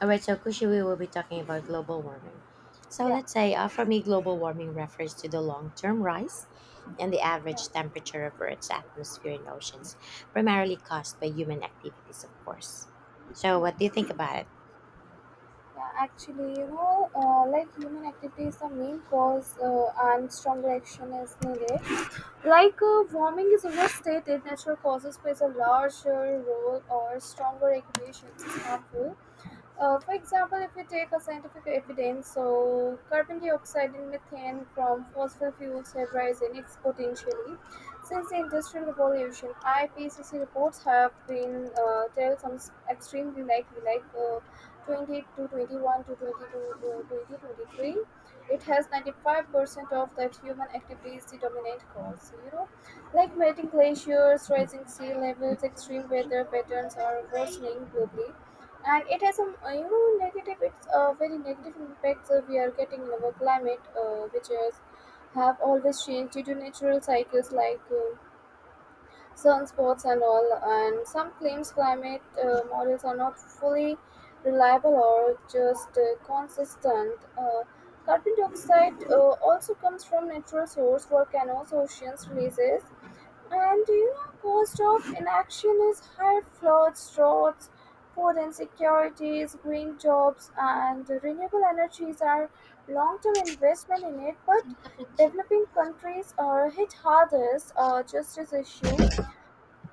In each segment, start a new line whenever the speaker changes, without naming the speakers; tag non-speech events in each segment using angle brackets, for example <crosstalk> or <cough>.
All right, so Kushi, we will be talking about global warming. So
Yeah,
let's say for me, global warming refers to the long-term rise in the
yeah,
average temperature of Earth's atmosphere and oceans, primarily caused by human activities, of course. So what do you
yeah,
think about it?
yeah. Actually, like human activity is the main cause, and stronger action is needed. Like warming is overstated, natural causes plays a larger role, or stronger regulations is harmful. For example, if we take a scientific evidence, so carbon dioxide and methane from fossil fuels have risen exponentially since the Industrial Revolution. IPCC reports have been tell some extremely likely, like 20 to 21 to 22 2023. It has 95% of that human activity is the dominant cause. You know, like melting glaciers, rising sea levels, extreme weather patterns are worsening globally, and it has some negative, it's very negative impacts we are getting in our climate, which is have always changed due to natural cycles like sunspots and all, and some claims climate models are not fully reliable or just consistent. Carbon dioxide also comes from natural source volcanoes oceans releases, and do you know, cost of inaction is higher floods, droughts, food insecurities, green jobs, and renewable energies are long-term investment in it. But developing countries are hit hardest, justice issue.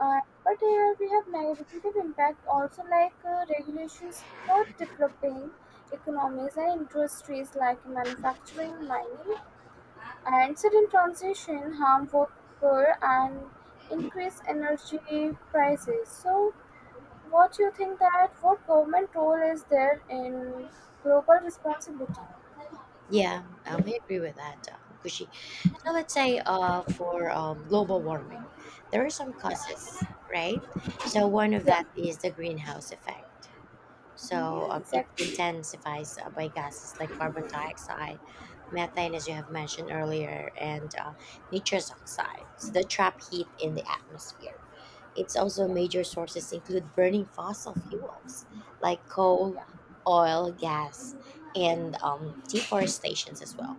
But here we have negative impact also, like regulations hurt developing economies and industries like manufacturing, mining, and sudden transition harm worker and increase energy prices. So what you think that what government role is there in global responsibility?
Yeah, I agree with that, Kushi. So let's say for global warming, there are some
Yeah,
causes, right? So one of
yeah,
that is the greenhouse effect. So it
exactly.
intensifies by gases like carbon dioxide, methane, as you have mentioned earlier, and nitrous oxide. So they trap heat in the atmosphere. It's also
Yeah,
major sources include burning fossil fuels like coal,
yeah,
oil, gas, and deforestations as well,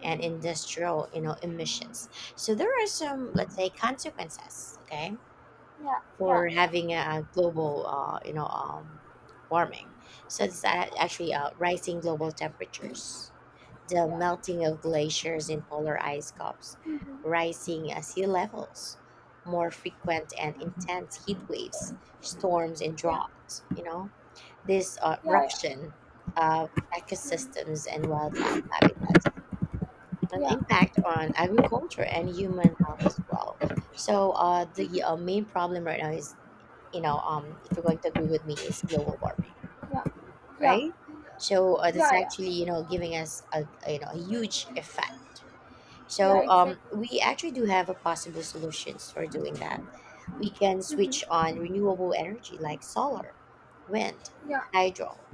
and industrial emissions. So there are some, let's say, consequences, okay,
yeah, yeah,
for
yeah,
having a global warming. So it's actually rising global temperatures, the
yeah.
melting of glaciers and polar ice caps,
Mm-hmm.
rising sea levels, more frequent and intense heat waves, storms and
Yeah,
droughts. This
yeah, yeah.
eruption of
Mm.
ecosystems and wildlife habitats. An
Yeah.
impact on agriculture and human health as well. So the
Mm-hmm.
main problem right now is, if you're going to agree with me, is global warming,
Yeah. Yeah.
right? So that's
Yeah, yeah.
actually giving us a, you know a huge effect.
Yeah,
So
exactly.
we actually do have a possible solutions for doing that. We can switch
Mm-hmm.
on renewable energy like solar, wind,
Yeah,
hydro.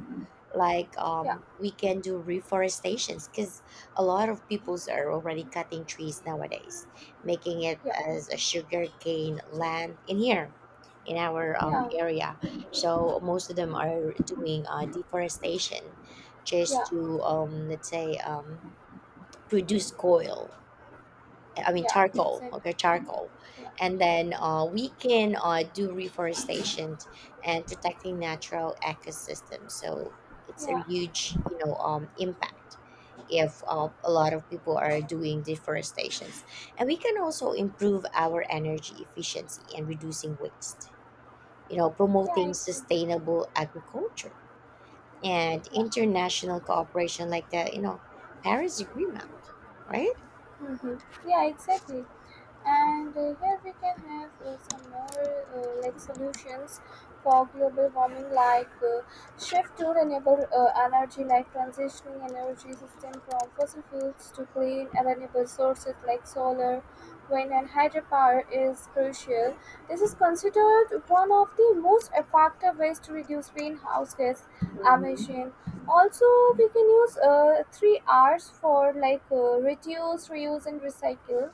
Like
yeah,
we can do reforestations because a lot of peoples are already cutting trees nowadays, making it
yeah,
as a sugarcane land in here in our
yeah,
area. So most of them are doing deforestation just
yeah,
to let's say produce coal. I mean
yeah,
charcoal,
exactly.
okay, charcoal,
Yeah,
and then we can do reforestation and protecting natural ecosystems. So it's a
yeah,
huge, impact if
yeah,
a lot of people are doing deforestations, and we can also improve our energy efficiency and reducing waste,
yeah,
promoting
exactly.
sustainable agriculture and
Yeah.
international cooperation like the Paris Agreement, right?
Hmm. Yeah, exactly, and here we can have some more like solutions for global warming, like shift to renewable energy, like transitioning energy system from fossil fuels to clean and renewable sources like solar wind and hydropower is crucial. This is considered one of the most effective ways to reduce greenhouse gas
Mm-hmm.
emission. Also, we can use three r's for like reduce reuse and recycle.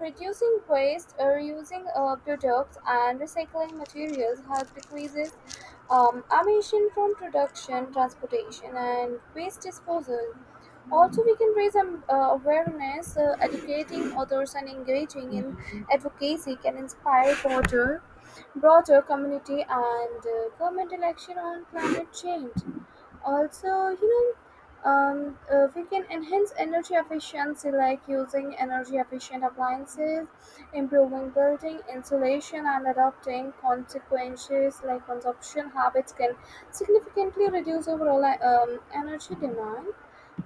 Reducing waste, reusing products, and recycling materials help decreases emission from production, transportation, and waste disposal. Also, we can raise awareness, educating others, and engaging in
Mm-hmm.
advocacy can inspire broader community and government action on climate change. Also, know we can enhance energy efficiency like using energy efficient appliances, improving building insulation, and adopting consequences like consumption habits can significantly reduce overall energy demand.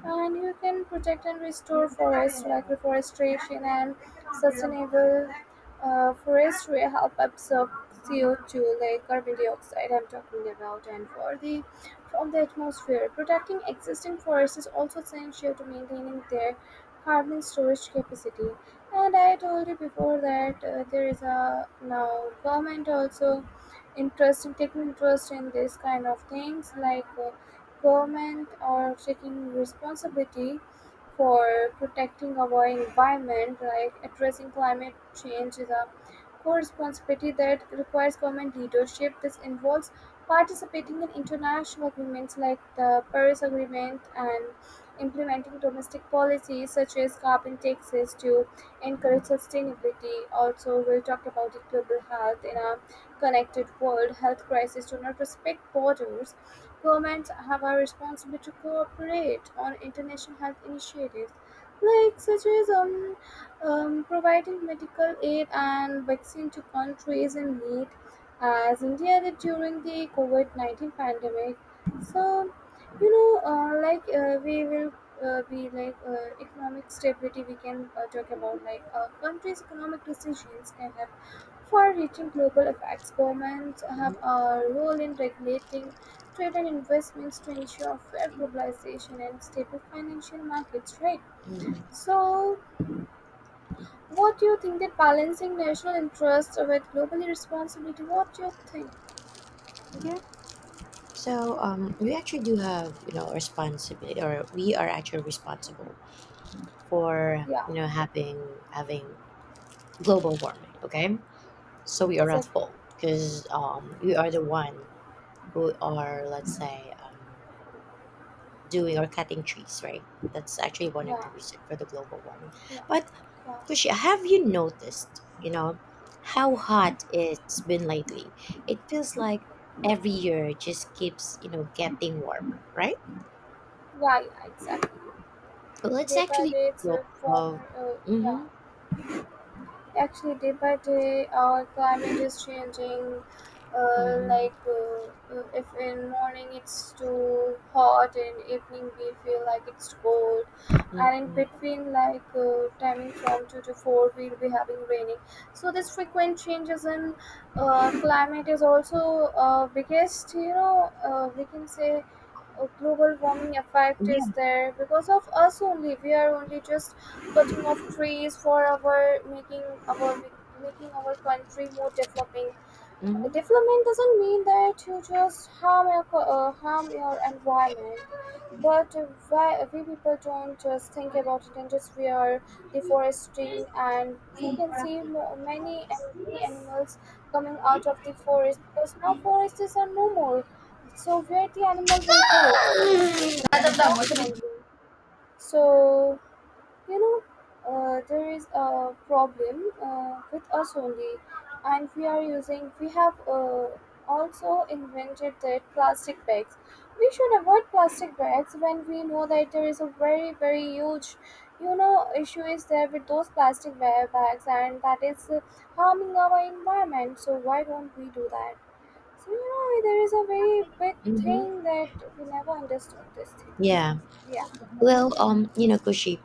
And you can protect and restore forests like reforestation and sustainable forestry help absorb CO2, like carbon dioxide I'm talking about, and for the from the atmosphere, protecting existing forests is also essential to maintaining their carbon storage capacity. And I told you before that there is a now government also interest in taking interest in this kind of things, like Government are taking responsibility for protecting our environment, like addressing climate change is a core responsibility that requires government leadership. This involves participating in international agreements like the Paris Agreement and implementing domestic policies such as carbon taxes to encourage sustainability. Also, we'll talk about the global health in a connected world. Health crises do not respect borders. Governments have a responsibility to cooperate on international health initiatives, like such as providing medical aid and vaccine to countries in need, as India did during the COVID-19 pandemic. So, like we will be like economic stability. We can talk about like a country's economic decisions can have far-reaching global effects. Governments have a role in regulating trade and investments to ensure fair globalization and stable financial markets, right?
Hmm.
So, what do you think that balancing national interests with global responsibility? What do you think?
Yeah. So we actually do have, responsibility, or we are actually responsible for,
Yeah,
having global warming. Okay, so we are at
exactly.
fault because we are the one who are, let's say, doing or cutting trees, right? That's actually one of
Yeah,
the reasons for the global warming.
yeah,
But
yeah, yeah,
Kushi, have you noticed, how hot it's been lately? It feels like every year it just keeps, getting warmer, right?
yeah, exactly.
Well, it's
Day by
actually
day, it's
so.
a former, yeah,
Mm-hmm,
actually day by day our climate is changing. uh,
mm-hmm,
like uh, if in morning it's too hot and evening we feel like it's cold, and in
mm-hmm.
between like timing from 2 to 4 we'll be having raining, so this frequent changes in climate is also biggest, we can say a global warming effect is
Yeah.
there because of us only. We are only just cutting off trees for our making our making our country more developing.
Mm-hmm.
Development doesn't mean that you just harm your harm your environment, but why we people don't just think about it and just we are deforesting, and we can see many many animals coming out of the forest because now forests are no more. So where the animal will go? They will go only. So you know, there is a problem with us only, and we are using. We have also invented that plastic bags. We should avoid plastic bags when we know that there is a very very huge, you know, issue is there with those plastic bags, and that is harming our environment. So why don't we do that? So there is a very big
Mm-hmm.
thing that we never understood these things.
Yeah.
Yeah,
Well, Kushi,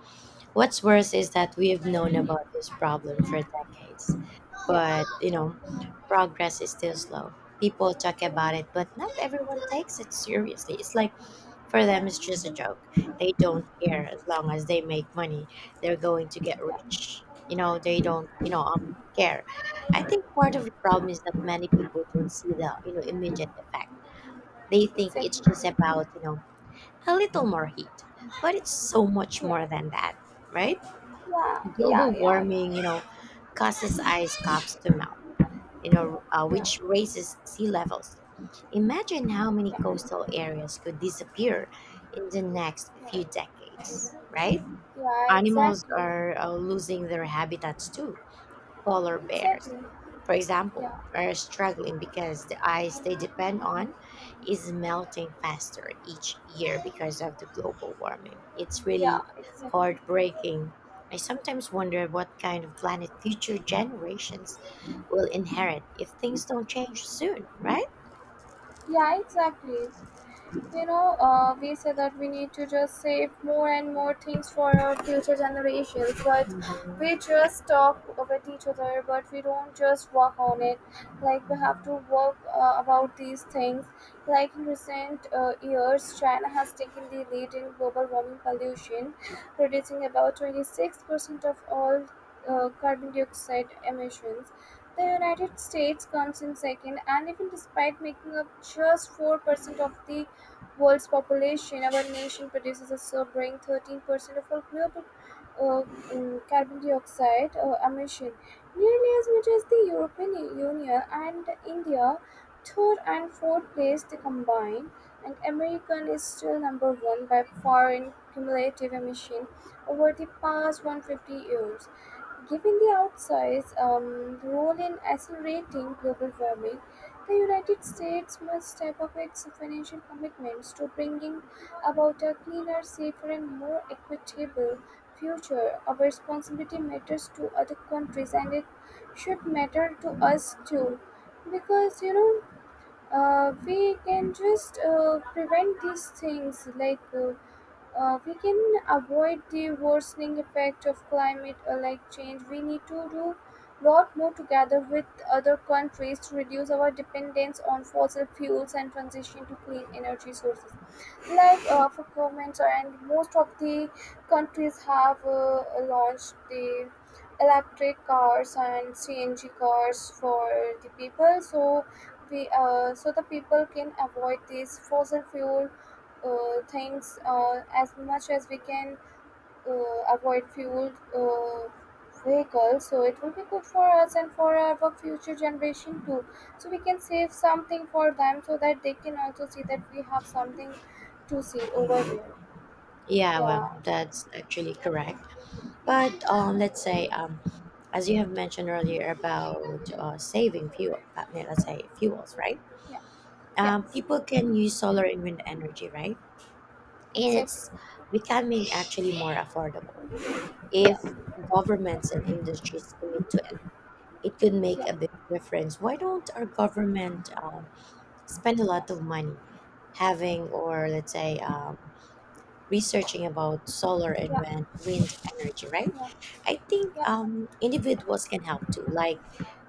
what's worse is that we've known about this problem for decades,
yeah,
but progress is still slow. People talk about it, but not everyone takes it seriously. It's like for
yeah,
them, it's just a joke. They don't care as long as they make money. They're going to get
yeah,
rich. They don't, care. I think part of the problem is that many people don't see the immediate effect. They think it's
exactly.
just about a little more heat, but it's so much
Yeah,
more than that, right?
yeah, yeah,
Global
yeah,
warming, you
yeah,
know,
exactly.
causes ice caps to melt,
Yeah,
which raises sea levels. Imagine how many
yeah,
coastal areas could disappear in the next
yeah,
few decades, right?
yeah,
Animals
exactly,
are losing their habitats too. Polar bears,
exactly.
for example,
Yeah,
are struggling because the ice they depend on is melting faster each year because of the global warming. It's
yeah,
really
exactly.
heartbreaking. I sometimes wonder what kind of planet future generations will inherit if things don't change soon, right?
Yeah, exactly. You we say that we need to just save more and more things for our future generations, but we
Mhm.
just talk with each other, but we don't just work on it. Like, we have to work about these things. Like, in recent years, China has taken the lead in global warming pollution, producing about 26% of all carbon dioxide emissions. The United States comes in second, and even despite making up just 4% of the world's population, our nation produces a sobering 13% of our global uh, carbon dioxide emission, nearly as much as the European Union and India, third and fourth place they combine, and American is still number one by far in cumulative emission over the past 150 years. Given the outsized role in accelerating global warming, the United States must step up its financial commitments to bringing about a cleaner, safer, and more equitable future. Our responsibility matters to other countries, and it should matter to us too, because we can just prevent these things like. We can avoid the worsening effect of climate, like change we need to do lot more together with other countries to reduce our dependence on fossil fuels and transition to clean energy sources, like for governments and most of the countries have launched the electric cars and CNG cars for the people, so we so the people can avoid these fossil fuel things as much as we can avoid fueled vehicles, so it will be good for us and for our future generation too, so we can save something for them so that they can also see that we have something to see over here.
Yeah,
Yeah,
well, that's actually correct. But let's say, as you have mentioned earlier about saving fuel, yeah, let's say fuels, right?
yeah, yeah,
People can use solar and wind energy, right? And
exactly,
it's becoming actually more affordable. If
yeah,
governments and industries commit to it, it could
yeah,
make a big difference. Why don't our government spend a
yeah,
lot of money having, or let's say, researching about solar and
yeah,
wind energy, right?
yeah,
I think
yeah,
individuals can help too, like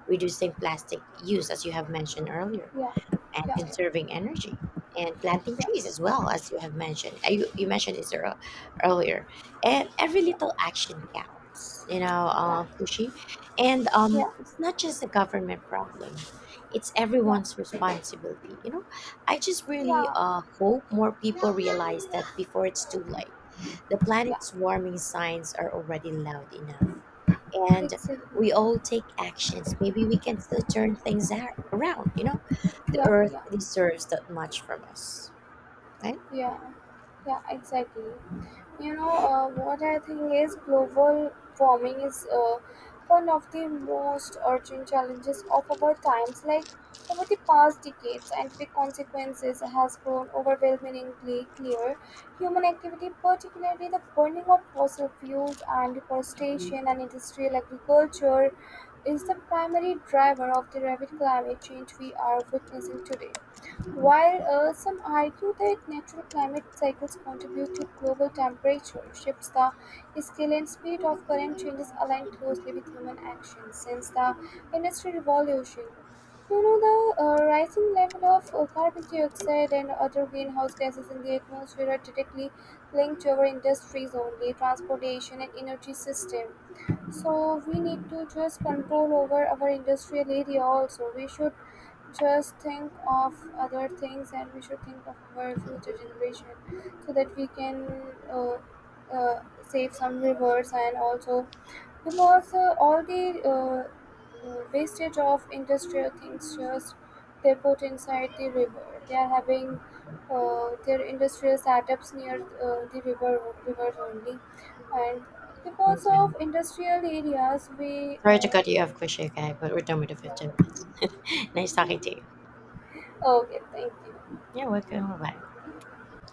reducing plastic use, as you have mentioned
yeah,
earlier,
yeah, yeah,
and
yeah, yeah, yeah,
conserving energy, and planting trees, as well as you have mentioned. You mentioned this earlier, and every little action counts, Kushi. And
yeah,
it's not just a government problem, it's
yeah,
everyone's responsibility, I just really
yeah,
hope more people realize that before it's too late. The
yeah,
planet's warming signs are already loud enough. And
exactly,
we all take actions. Maybe we can still turn things around, you know? The
yeah,
earth
yeah.
deserves that much from us, right?
Yeah, yeah, exactly. You know, what I think is global warming is one of the most urgent challenges of our times. Like over the past decades, scientific consequences has grown overwhelmingly clear. Human activity, particularly the burning of fossil fuels and deforestation and industrial agriculture, is the primary driver of the rapid climate change we are witnessing today. While some argue that natural climate cycles contribute to global temperature shifts, the scale and speed of current changes align closely with human action. Since the Industrial Revolution, you know the rising level of carbon dioxide and other greenhouse gases in the atmosphere are directly linked to our industries only, transportation and energy system. So we need to just control over our industrial area also. We should just think of other things and we should think of our future generation so that we can save some rivers, and also because all the wastage of industrial things just they put inside the river. They are having their industrial setups near the rivers only, and because of
Okay.
industrial areas we
Sorry to cut you off, Kushika, but we're done with the 15
yeah,
minutes. <laughs> Nice talking to you.
okay, thank you.
You're welcome. Bye bye.